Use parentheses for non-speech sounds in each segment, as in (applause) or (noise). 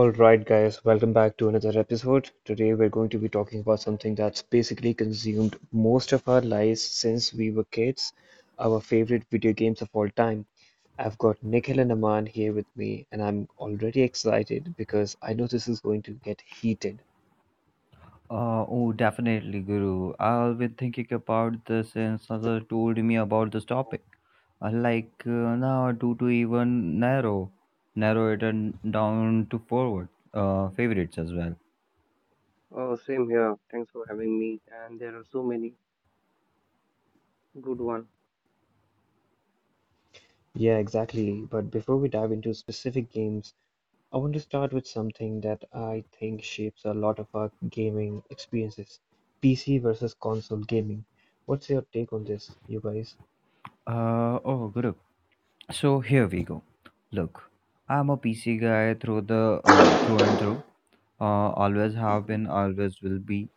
Alright guys, welcome back to another episode. Today we're going to be talking about something that's basically consumed most of our lives since we were kids, our favorite video games of all time. I've got Nikhil and Aman here with me, and I'm already excited because I know this is going to get heated. Oh, definitely, Guru. I've been thinking about this since Sasa told me about this topic. Uh, Like uh, now, do to even narrow it and down to forward favorites as well. Oh, same here. Thanks for having me. And there are so many good one. Yeah, exactly. But before we dive into specific games, I want to start with something that I think shapes a lot of our gaming experiences. PC versus console gaming. What's your take on this, you guys? Oh, Guru. So here we go. Look, I'm a PC guy through the through and through. Always have been, always will be.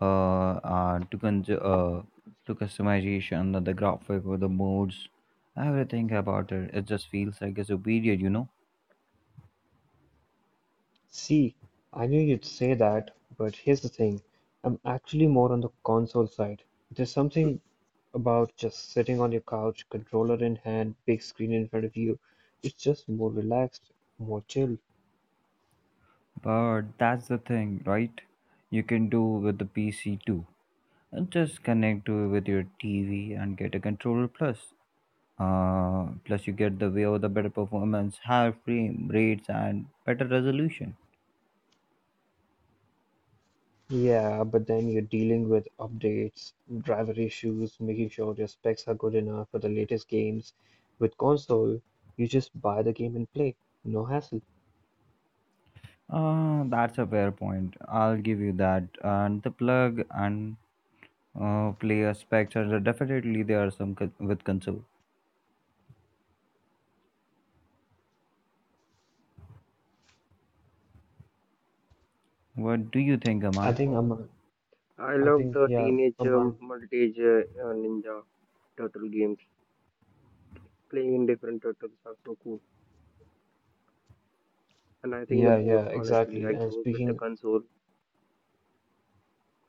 Uh, uh to con- uh, to customization, the graphic, or the modes, everything about it. It just feels like a superior, you know. See, I knew you'd say that, but here's the thing. I'm actually more on the console side. There's something about just sitting on your couch, controller in hand, big screen in front of you. It's just more relaxed, more chill. But that's the thing, right? You can do with the PC too. And just connect to with your TV and get a controller plus. Plus, you get the way of the better performance, higher frame rates, and better resolution. Yeah, but then you're dealing with updates, driver issues, making sure your specs are good enough for the latest games. With console, you just buy the game and play. No hassle. That's a fair point. I'll give you that. And the plug and player specs are definitely there some with console. What do you think, I Aman? think I'm, I I love think, the yeah, teenage Aman. multi-age ninja turtle games. Playing different turtles are so cool. And I think the Yeah, both, yeah, honestly, exactly. I And grew up with the speaking console.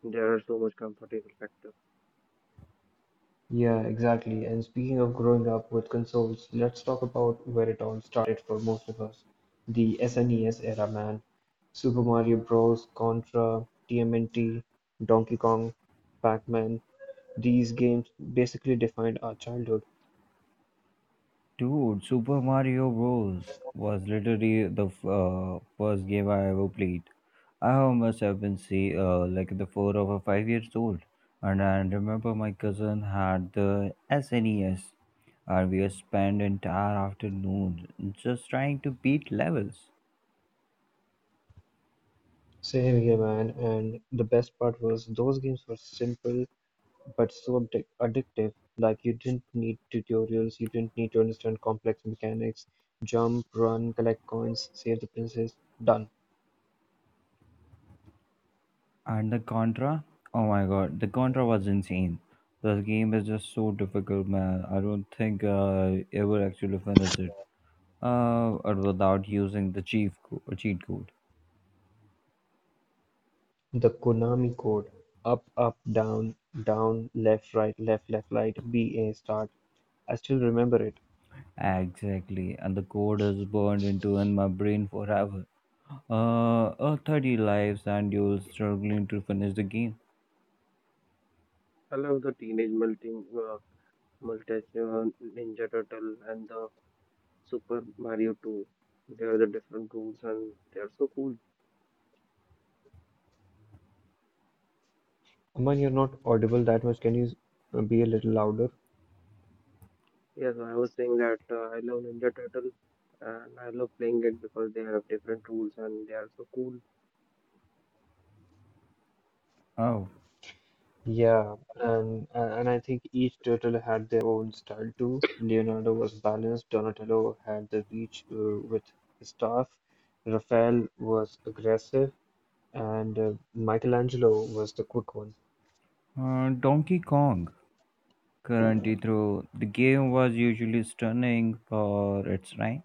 There are so much comfortable factor. Yeah, exactly. And speaking of growing up with consoles, let's talk about where it all started for most of us. The SNES era, man. Super Mario Bros., Contra, TMNT, Donkey Kong, Pac-Man. These games basically defined our childhood. Dude, Super Mario Bros. Was literally the first game I ever played. I must have been see like the 4 or 5 years old, and I remember my cousin had the SNES, and we spent entire afternoon just trying to beat levels. Same here, man. And the best part was those games were simple but so addictive. Like you didn't need tutorials, you didn't need to understand complex mechanics. Jump, run, collect coins, save the princess. Done. And the Contra, oh my god, the Contra was insane. The game is just so difficult, man. I don't think I ever actually finished it or without using the cheat code. The Konami code "up-up-down-down-left-right-left-left-right-B-A start", I still remember it. Exactly, and the code is burned into in my brain forever. 30 lives and you're struggling to finish the game. I love the teenage uh, multi ninja turtle and the Super Mario 2. They are the different rules and they are so cool. Aman, you're not audible that much. Can you be a little louder? Yes, I was saying that I love Ninja Turtle and I love playing it because they have different rules and they are so cool. Oh, Yeah, and I think each turtle had their own style too. Leonardo was balanced, Donatello had the reach with his staff, Raphael was aggressive, and Michelangelo was the quick one. Donkey Kong. Currently, through the game was usually stunning for its time.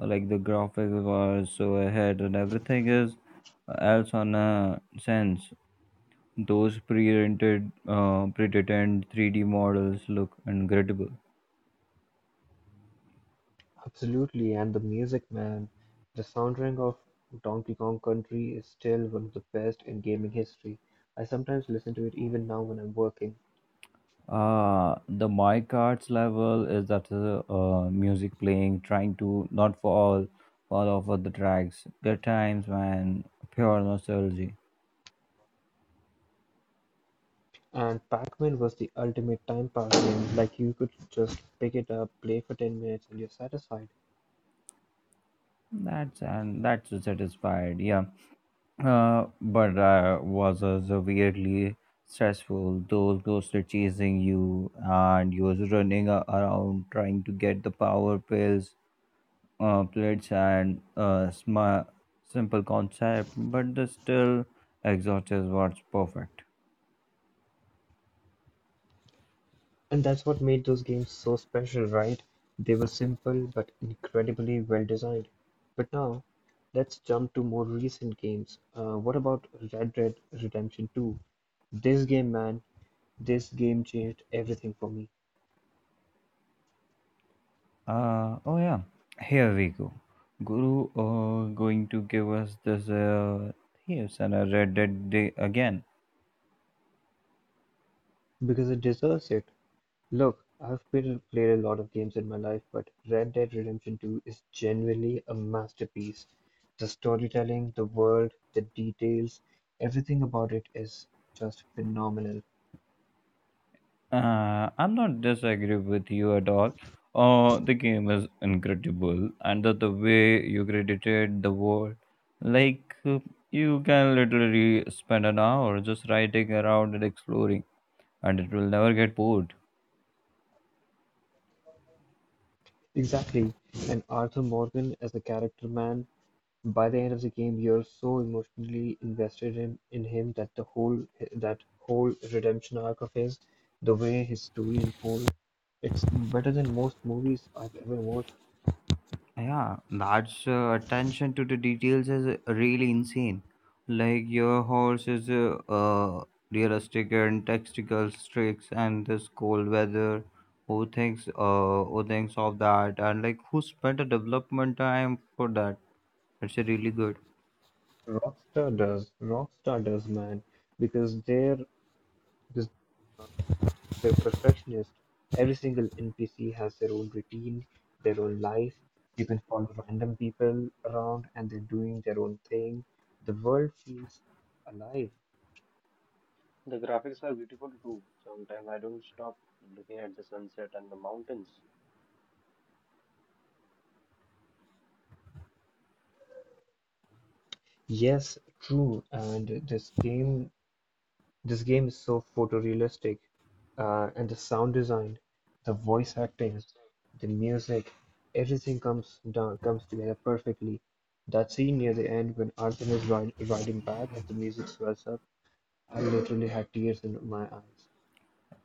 Like the graphics were so ahead and everything is else on a sense. Those pre-detained 3D models look incredible. Absolutely, and the Music Man, the soundtrack of Donkey Kong Country is still one of the best in gaming history. I sometimes listen to it even now when I'm working. The My cards level is that music playing, trying to not fall off of the tracks. Good times man, pure nostalgia. And Pac-Man was the ultimate time pass game. Like you could just pick it up, play for 10 minutes, and you're satisfied. That's and that's satisfied. Yeah. But was So weirdly stressful. Those ghosts are chasing you, and you was running around trying to get the power pills plates and sma simple concept, but the still exhausts what's perfect. And that's what made those games so special, right? They were simple but incredibly well designed. But now, let's jump to more recent games. What about Red Dead Redemption 2? This game, man, This game changed everything for me, Oh yeah, here we go. Guru going to give us this thieves and a Red Dead day again. because it deserves it. Look, I've played a lot of games in my life, but Red Dead Redemption 2 is genuinely a masterpiece. The storytelling, the world, the details, everything about it is just phenomenal. I'm not disagree with you at all. The game is incredible, and the way you credited the world, like you can literally spend an hour just riding around and exploring and it will never get bored. Exactly. And Arthur Morgan as the character, man. By the end of the game, you're so emotionally invested in him that whole redemption arc of his, the way his story unfolds, it's better than most movies I've ever watched. Yeah, that's attention to the details is really insane. Like your horse is realistic and tactical tricks and this cold weather. Who thinks of that and like who spent a development time for that? It's really good. Rockstar does, man, because they're because they're perfectionist. Every single NPC has their own routine, their own life. You can follow random people around, and they're doing their own thing. The world feels alive. The graphics are beautiful too. Sometimes I don't stop looking at the sunset and the mountains. Yes, true. And this game is so photorealistic, and the sound design, the voice acting, the music, everything comes together perfectly. That scene near the end when Arthur is riding back and the music swells up, I literally had tears in my eyes.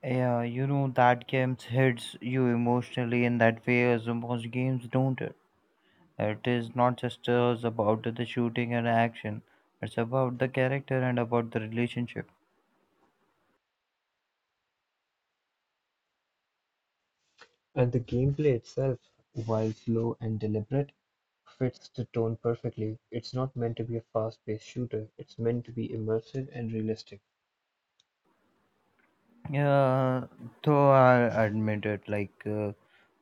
Yeah, you know that games hits you emotionally in that way as most games don't. It is not just about the shooting and action. It's about the character and about the relationship. And the gameplay itself, while slow and deliberate, fits the tone perfectly. It's not meant to be a fast-paced shooter. It's meant to be immersive and realistic. Yeah, though I admit it, like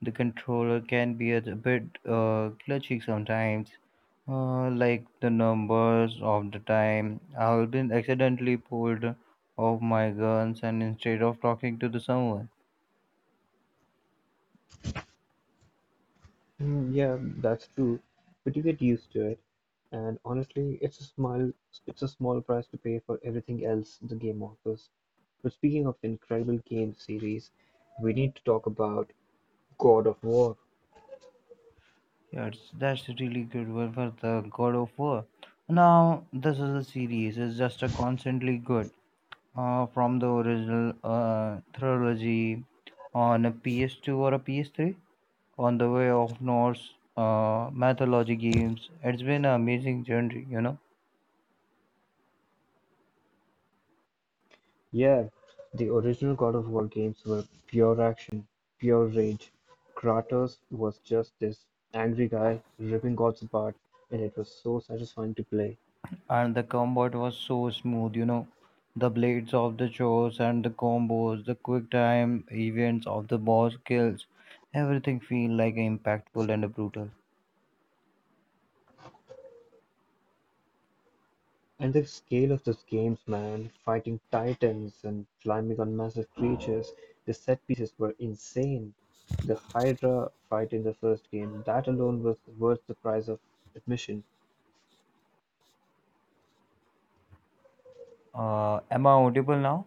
the controller can be a bit glitchy sometimes. Like the numbers of the time I've been accidentally pulled off my guns, and instead of talking to the someone, Yeah, that's true. But you get used to it. And honestly, it's a small price to pay for everything else the game offers. But speaking of incredible game series, we need to talk about God of War. yes, that's a really good one for the God of War. Now this is a series; it's just a constantly good from the original trilogy on a PS2 or a PS3 on the way of Norse mythology games. It's been an amazing journey, you know. Yeah, the original God of War games were pure action, pure rage. Kratos was just this angry guy ripping gods apart, and it was so satisfying to play. And the combat was so smooth, you know. The blades of the chores and the combos, the quick time events of the boss kills, everything feel like impactful and brutal. And the scale of those games, man, fighting titans and climbing on massive creatures, the set pieces were insane. The Hydra fight in the first game, that alone was worth the price of admission. Am I audible now?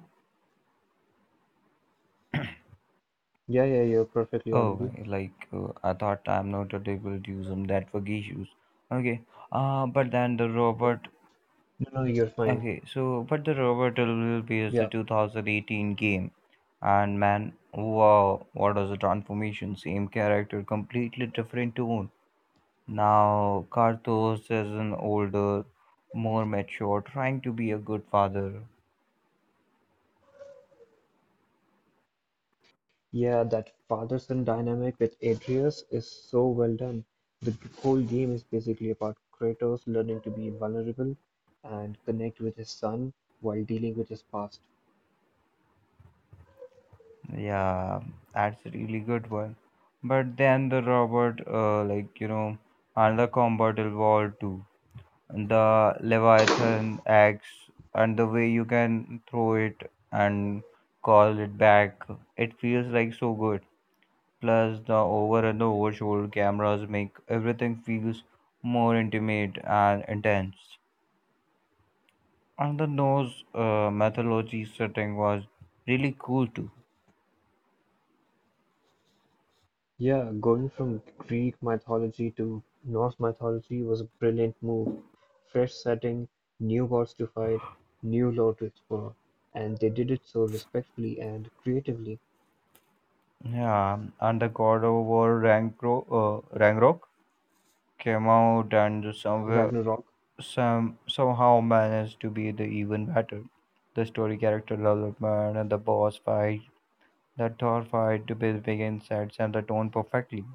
Yeah, yeah, you're perfectly Oh, audible. like I thought I'm not able to use them that for issues. Okay. But then the robot. No, no, you're fine. Okay, so but the robot will be is the Yeah. 2018 game, and man, wow, what was the transformation? Same character, completely different tone. Now Karthos is an older, more mature, trying to be a good father. Yeah, that father-son dynamic with Atreus is so well done. The whole game is basically about Kratos learning to be vulnerable and connect with his son while dealing with his past. Yeah, that's a really good one. But then the robot, like you know, another combat involved too. And the Leviathan axe and the way you can throw it and call it back, it feels like so good. Plus the over and the over shoulder cameras make everything feels more intimate and intense. And the nose mythology setting was really cool too. Yeah, going from Greek mythology to Norse mythology was a brilliant move. Fresh setting, new gods to fight, new lore to explore, and they did it so respectfully and creatively. Yeah, and the God of War Ragnarok, uh, Ragnarok came out and somewhere Ragnarok, somehow managed to be the even better. The story, character development, and the boss fight, the Thor fight, the big insights, and the tone perfectly.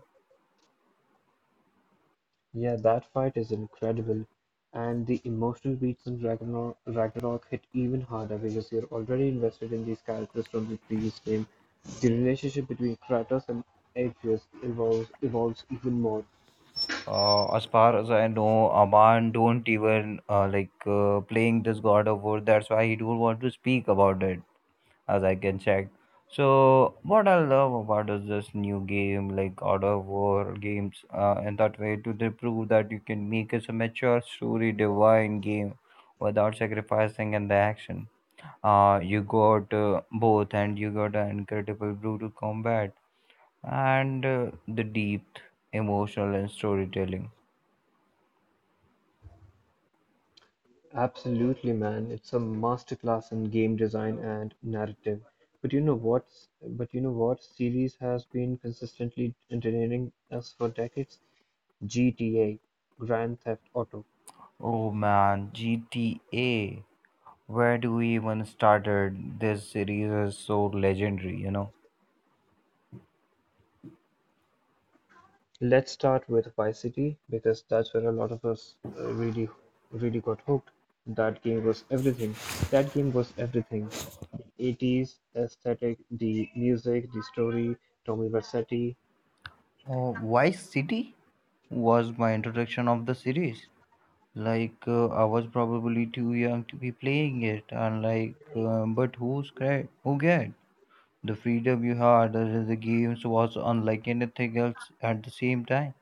yeah, that fight is incredible, and the emotional beats in Ragnarok hit even harder because you're already invested in these characters from the previous game. The relationship between Kratos and Atreus evolves even more. As far as I know, Aman don't even like playing this God of War. That's why he don't want to speak about it, as I can check. So what I love about is this new game like God of War games in that way to they prove that you can make it a mature story divine game without sacrificing in the action. You got both and you got an incredible brutal combat and the deep emotional and storytelling. Absolutely, man. It's a masterclass in game design and narrative. But you know what? But you know what series has been consistently entertaining us for decades? GTA, Grand Theft Auto. Oh man, GTA. Where do we even started? This series is so legendary, you know. Let's start with Vice City because that's where a lot of us really got hooked. That game was everything. That game was everything. 80s aesthetic, the music, the story, Tommy Vercetti. Vice City was my introduction of the series. Like I was probably too young to be playing it, and but who's great? Who get the freedom you had as the games was unlike anything else at the same time.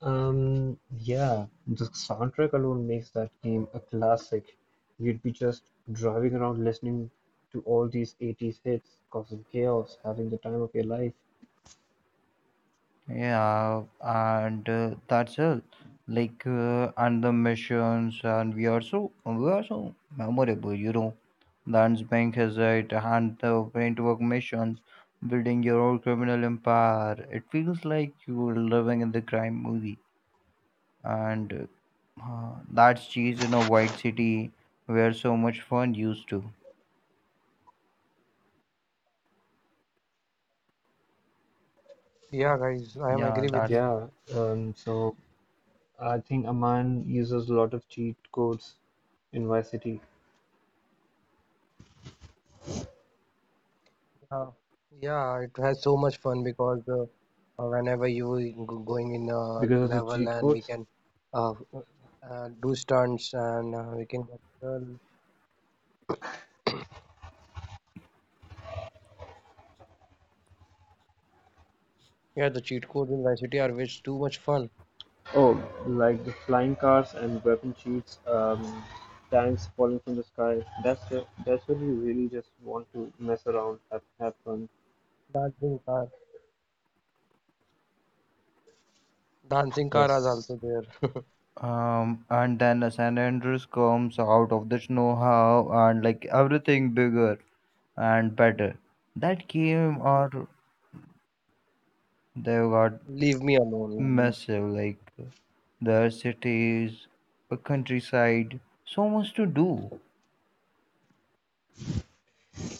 Yeah, the soundtrack alone makes that game a classic. You'd be just driving around listening to all these 80s hits, causing chaos, having the time of your life. Yeah, and that's all. And the missions, and we are so memorable, you know. Lands Bank has it, and the paintwork missions, building your own criminal empire. It feels like you're living in the crime movie, and that's cheese in a white city where so much fun used to. Yeah, guys, I am Yeah, agree with that's you. Yeah, so I think Aman uses a lot of cheat codes in Vice City Yeah, yeah, it has so much fun because whenever you going in a because of the level cheat and we codes. can uh, do stunts and we can get well, yeah the cheat codes in Vice City are which too much fun. Oh, like the flying cars and weapon cheats, tanks falling from the sky. That's when you really just want to mess around, have fun. Dancing car, dancing car is Yes. also there. (laughs) And then San Andreas comes out of the snow how and like everything bigger and better. That game or they got Leave me alone, leave massive like the cities, the countryside, so much to do.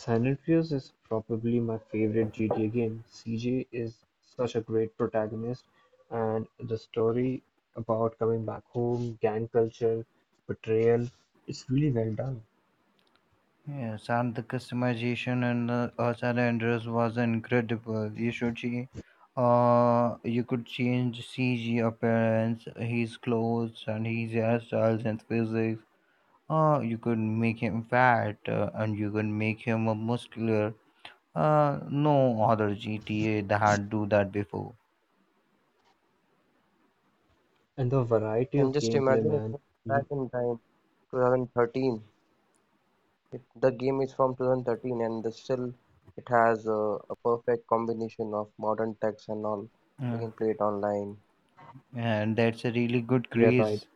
San Andreas is probably my favorite GTA game. CJ is such a great protagonist, and the story about coming back home, gang culture, betrayal, it's really well done. Yes, and the customization and the Salandra's was incredible. You should see, you could change CG appearance, his clothes and his hairstyles and physics. You could make him fat and you could make him a muscular. No other GTA that do that before. And the variety and of just gameplay, imagine it man. was Y- back in time, 2013. The game is from 2013 and the still it has a perfect combination of modern techs and all. We Yeah. can play it online. And that's a really good Yeah, right. craze.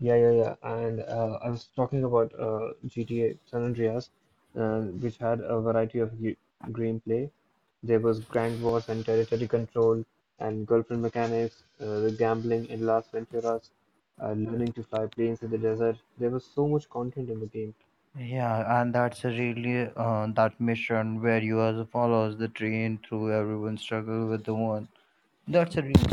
Yeah, yeah, yeah. And I was talking about GTA San Andreas, which had a variety of gameplay. There was grand wars and territory control, and girlfriend mechanics, the gambling in Las Venturas, learning to fly planes in the desert. There was so much content in the game. Yeah, and that's a really that mission where you as follows the train through everyone struggle with the one. That's a really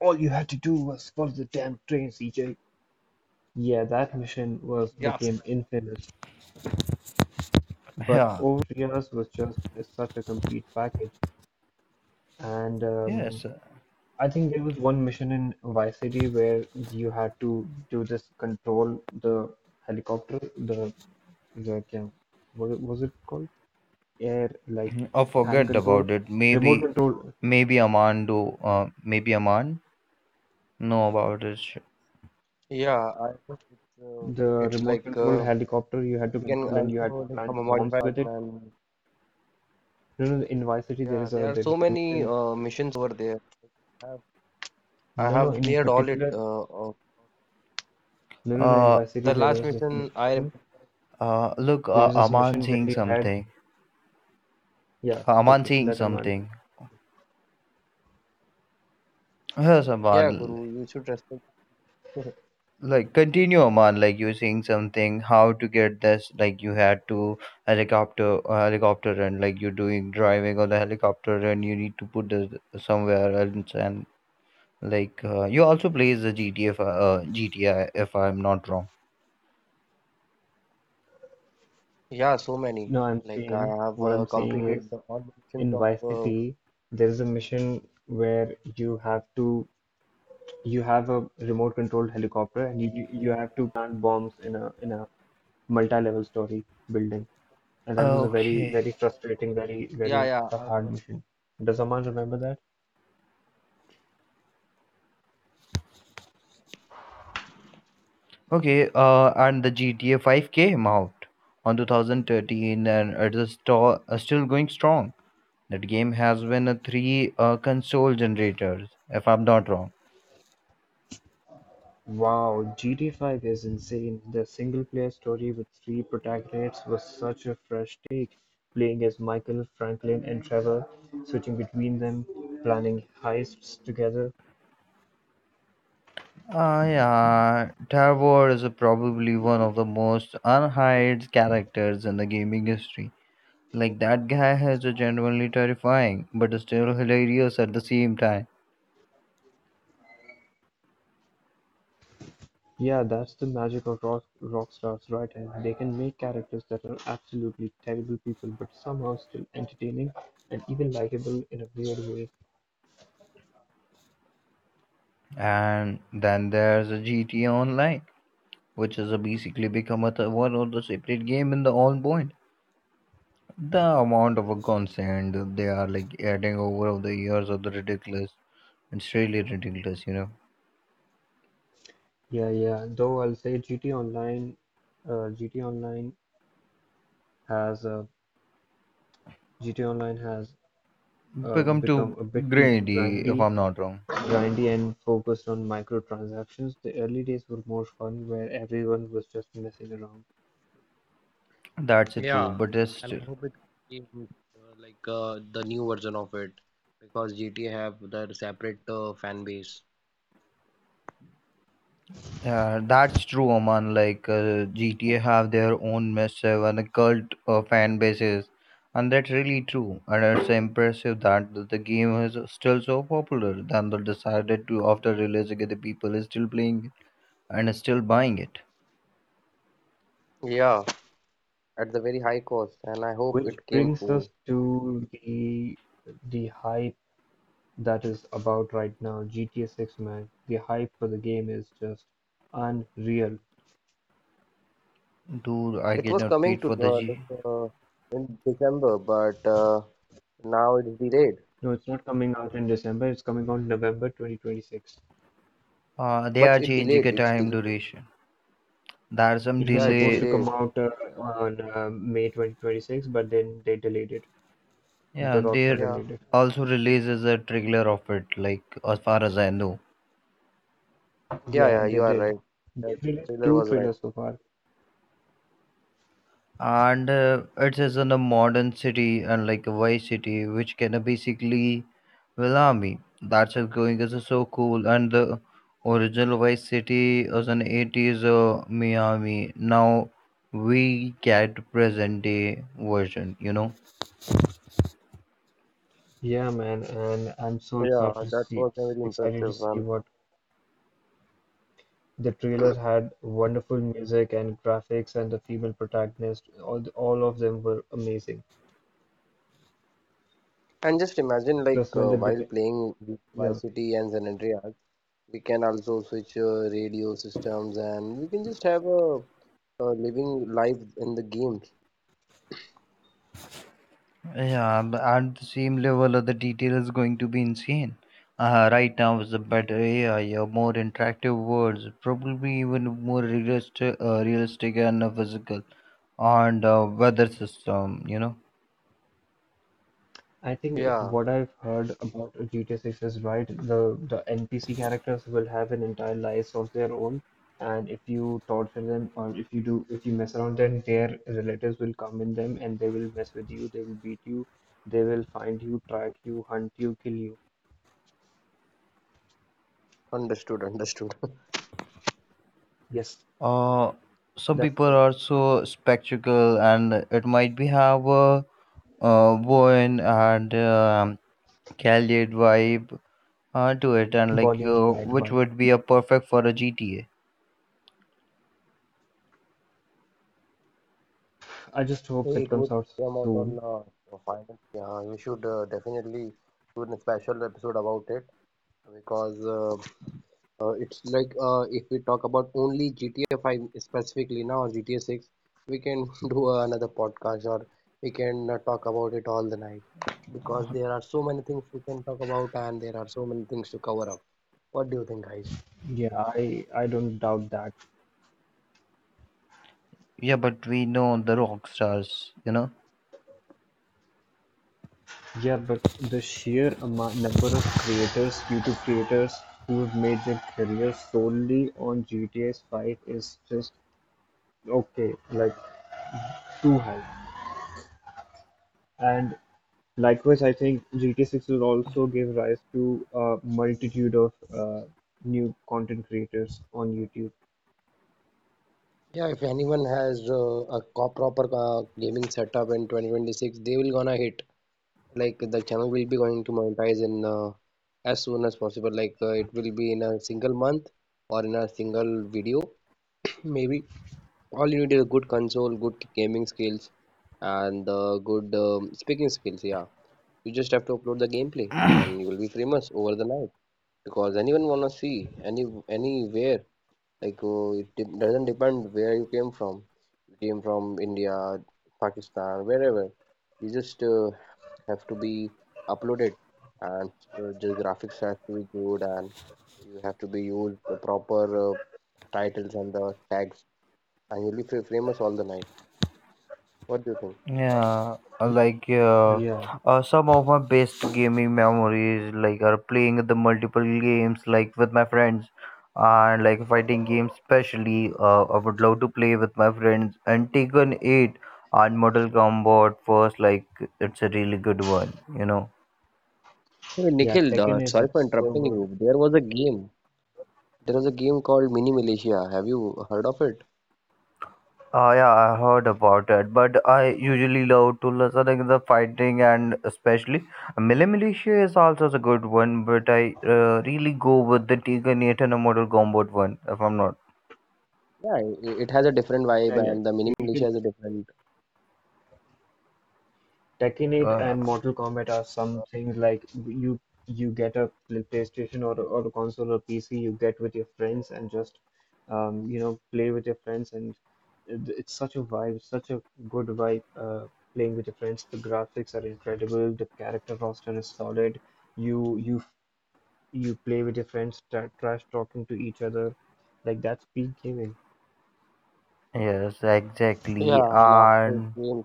All you had to do was follow the damn train, CJ. Yeah, that mission was Yeah, became infamous. But yeah overall, San Andreas was just such a complete package. And yes. I think there was one mission in Vice City where you had to do this control the helicopter, the क्या what it- was it called? Air like I hand forget control, about it. remote Maybe control. maybe Amando. Maybe Aman know about it. Yeah, I think The it's remote like control helicopter you had to we can control and you had to also like from a plant bombs modify with it. and No, no, in Vice City yeah, there are there is so a many mission. Missions over there. I have, I No, no, have in cleared all it. particular, Of no, no, no. In Uh, Vice City the there last was this mission I mission. Look, There was this Aman mission where saying you had something. yeah. Aman Okay, saying let him on. something. Yes, yeah, Aman, Guru, you should respect. (laughs) like continue Oman like you saying something how to get this like you had to helicopter helicopter and like you're doing driving on the helicopter and you need to put this somewhere else and like you also plays the GTA if I'm not wrong Yeah, so many. No, I'm Like I saying have what I'm saying is completed the all missions In of Vice City there is a mission where you have to you have a remote controlled helicopter and you have to plant bombs in a multi-level story building, and that was a very, okay very frustrating, very, yeah, very yeah. I hard know. mission. Does someone remember that? okay and the GTA 5 came out on 2013 and it is still going strong. That game has won a three console generators if I'm not wrong. Wow, GTA 5 is insane. The single player story with three protagonists was such a fresh take, playing as Michael, Franklin, and Trevor, switching between them, planning heists together. Ah, yeah, Tarvor is probably one of the most unhide characters in the gaming history. Like that guy is genuinely terrifying, but still hilarious at the same time. Yeah, that's the magic of rock stars, right? And They can make characters that are absolutely terrible people but somehow still entertaining and even likable in a weird way. And then there's a GTA Online, which has basically become a one of the separate game in the on point. The amount of content they are like adding over the years of the ridiculous. It's really ridiculous, you know. Yeah, yeah. Though I'll say GT Online, uh, GT Online has uh, GT Online has Become too become a bit too greedy, if I'm not wrong. grindy and focused on microtransactions. The early days were more fun, where everyone was just messing around. That's it, true, Yeah, but it's and still I hope it came like the new version of it because GTA have their separate fan base. yeah, that's true, Oman. Like GTA have their own massive and cult fan bases, and that's really true. And it's impressive that the game is still so popular. Then they decided to, after releasing it, the people is still playing it and is still buying it. Yeah, at the very high cost, and I hope Which it came brings us soon. to the high that is about right now. GTA 6, man, the hype for the game is just unreal. Dude, I It was cannot coming wait to for the G. like, in December, but now it's delayed. No, it's not coming out in December, it's coming out in November 2026. They are But it changing delayed. the It's time delayed. duration. There's some It was Yeah, it's supposed delay. to come delayed. out on May 2026, but then they delayed it. Yeah, The Rockstar they Yeah, delayed it. also releases a trailer of it. Like as far as I know yeah, Yeah, yeah. they You are did. right. Yeah, They've the released trailer two was right. trailers so far. and it is in a modern city and like a vice city which can basically allow me that's it going is so cool and the original vice city was an 80s miami now we get present day version you know Yeah, man, and I'm so Yeah, that was a very excited to impressive see one. what the trailer had. Wonderful music and graphics and the female protagonist. All of them were amazing. And just imagine, like Plus, when the while GTA, playing yeah, Vice City and San Andreas, we can also switch radio systems and we can just have a living life in the games. yeah but at the same level of the detail is going to be insane right now is a better AI, a more interactive worlds, probably even more realistic and physical and weather system you know I think if Yeah, what I've heard about GTA 6 is right, the NPC characters will have an entire lives of their own, and if you torture them or if you mess around them, their relatives will come in them and they will mess with you, they will beat you, they will find you, track you, hunt you, kill you. understood, understood. (laughs) Yes, uh, some that's people are it. so spectacle and it might be have a worn and candid vibe to it and like Bonnie and Clyde which vibe. would be a perfect for a gta I just hope Hey, it it comes would out come out soon. on finance. Yeah, you should definitely do a special episode about it because it's like if we talk about only GTA 5 specifically now or GTA 6, we can (laughs) do another podcast or we can talk about it all the night because there are so many things we can talk about and there are so many things to cover up. What do you think, guys? Yeah, I don't doubt that. yeah but we know the rock stars you know. Yeah, but the number of creators, YouTube creators who've made their career solely on GTA 5 is just okay, like too high. And likewise, I think GTA 6 will also give rise to a multitude of new content creators on YouTube. Yeah, if anyone has a proper gaming setup in 2026, they will gonna hit. Like the channel will be going to monetize in as soon as possible. Like it will be in a single month or in a single video, (clears throat) maybe. All you need is a good console, good gaming skills, and good speaking skills. Yeah, you just have to upload the gameplay, and you will be famous over the night because anyone wanna see anywhere. Like it de doesn't depend where you came from. You came from India, Pakistan, wherever. You just have to be uploaded, and the graphics have to be good, and you have to be used the proper uh, titles and the tags, and you'll be famous all the night. What do you think? Yeah, Yeah, some of my best gaming memories like are playing the multiple games like with my friends and like fighting games especially I would love to play with my friends and Taken 8 and Mortal Kombat first like it's a really good one you know. Hey, yeah, Nikhil, Tekken is sorry for it's so interrupting good. you. There was a game. There was a game called Mini Militia. Have you heard of it? Yeah, I heard about it, but I usually love to listen to the fighting and especially Mille Militia is also a good one, but I really go with the Tiger Nathan and Mortal Kombat one, if I'm not. Yeah, it has a different Yeah, vibe, yeah, and the Mini Tekken Militia is a different. Tekken 8 Uh, and Mortal Kombat are some things like you PlayStation or a console or PC, you get with your friends and just you know play with your friends, and it's such a vibe, such a good vibe playing with your friends. The graphics are incredible, the character roster is solid. You you you play with your friends, trash talking to each other, like that's peak gaming. yes, exactly. Yeah, and after it And came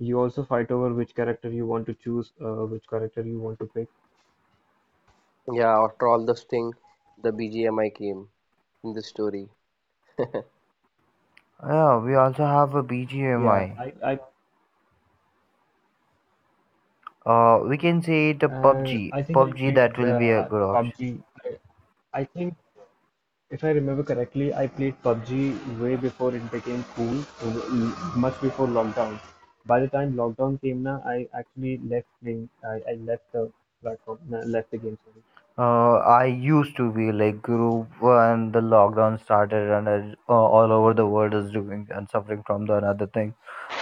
You also fight over which character you want to choose, which character you want to pick. yeah, after all this thing, the BGMI came in the story. yeah, we also have a Yeah, BGMI. I We can say it a And PUBG. I think I PUBG that played will be a good option. PUBG. I think, if I remember correctly, I played PUBG way before it became cool, much before lockdown. By the time lockdown came na, I actually left playing. I left the platform, no, left the game, sorry. I used to be like group when the lockdown started and I, all over the world is doing and suffering from the another thing.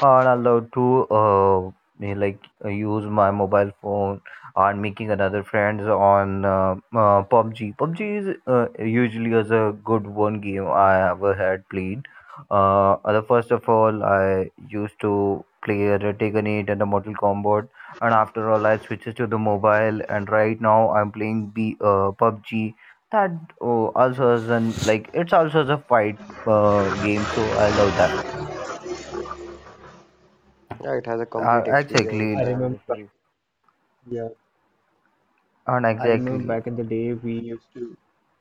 And allowed to me, like use my mobile phone and making another friends on PUBG. PUBG is usually as a good one game I ever had played. The first of all, I used to play Retaken 8 and the Mortal Kombat and after all I switches to the mobile and right now I'm playing B PUBG that also is an like it's also a fight game so I love that Yeah, it has a complete experience I exactly and remember back, different. yeah, and I remember exactly back in the day we used to,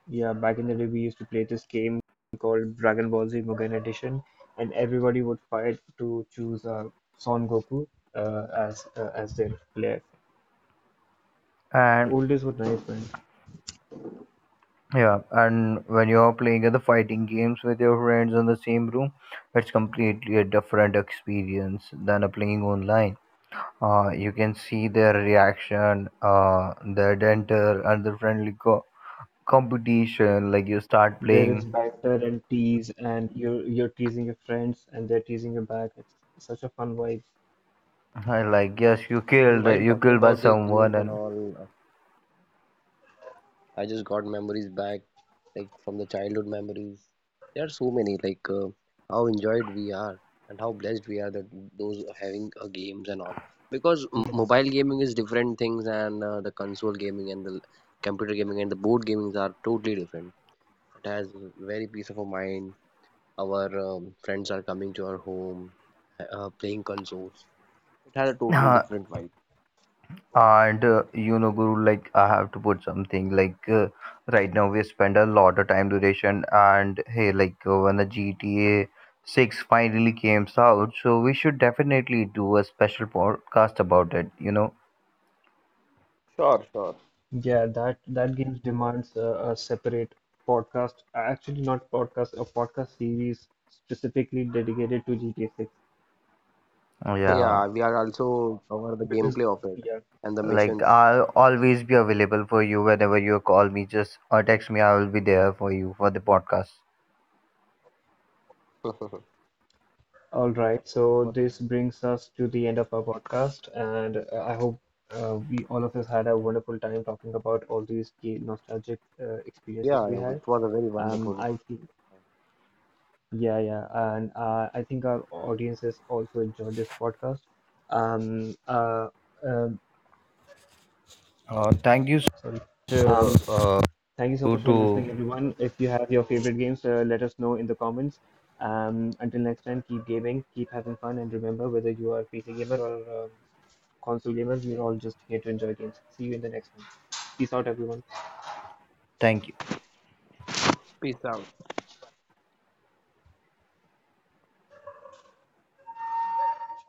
yeah, back in the day we used to play this game called Dragon Ball Z Mugen Edition, and everybody would fight to choose Son Goku as their player. and Old days were nice, man. yeah and when you're playing the fighting games with your friends in the same room it's completely a different experience than a playing online you can see their reaction their dental and the friendly competition like you start There is playing banter and tease, and you're teasing your friends, and they're teasing you back. It's such a fun vibe. I like yes you And killed while you talking killed by about these someone games and and all, I just got memories back, like from the childhood memories. There are so many, like how enjoyed we are and how blessed we are that those having games and all. Because m Yeah. mobile gaming is different things, and the console gaming and the computer gaming and the board gamings are totally different. It has very peace of mind our friends are coming to our home, playing consoles. It had a total uh, different vibe. You know guru like I have to put something like right now we spend a lot of time duration and hey like when the gta 6 finally came out so we should definitely do a special podcast about it you know Sure, sure. Yeah, that that game demands a separate podcast. Not podcast, a podcast series specifically dedicated to GTA 6. yeah Yeah, we are also cover the Because gameplay of it yeah, and the like missions. I'll always be available for you whenever you call me just or text me I will be there for you for the podcast (laughs) What? all right. So this Nice. brings us to the end of our podcast, and I hope we all of us had a wonderful time talking about all these nostalgic experiences Yeah, that we it had. was a very wonderful. I Yeah, yeah, and I think our audiences also enjoyed this podcast. Um, uh, um, क्या कहने थे? thank you Sorry. sir, Um, thank you so much for to listening, everyone. If you have your favorite games, let us know in the comments. Until next time, keep gaming, keep having fun, and remember, whether you are a PC gamer or a console gamer, we're all just here to enjoy games. See you in the next one. Peace out, everyone. thank you Peace out.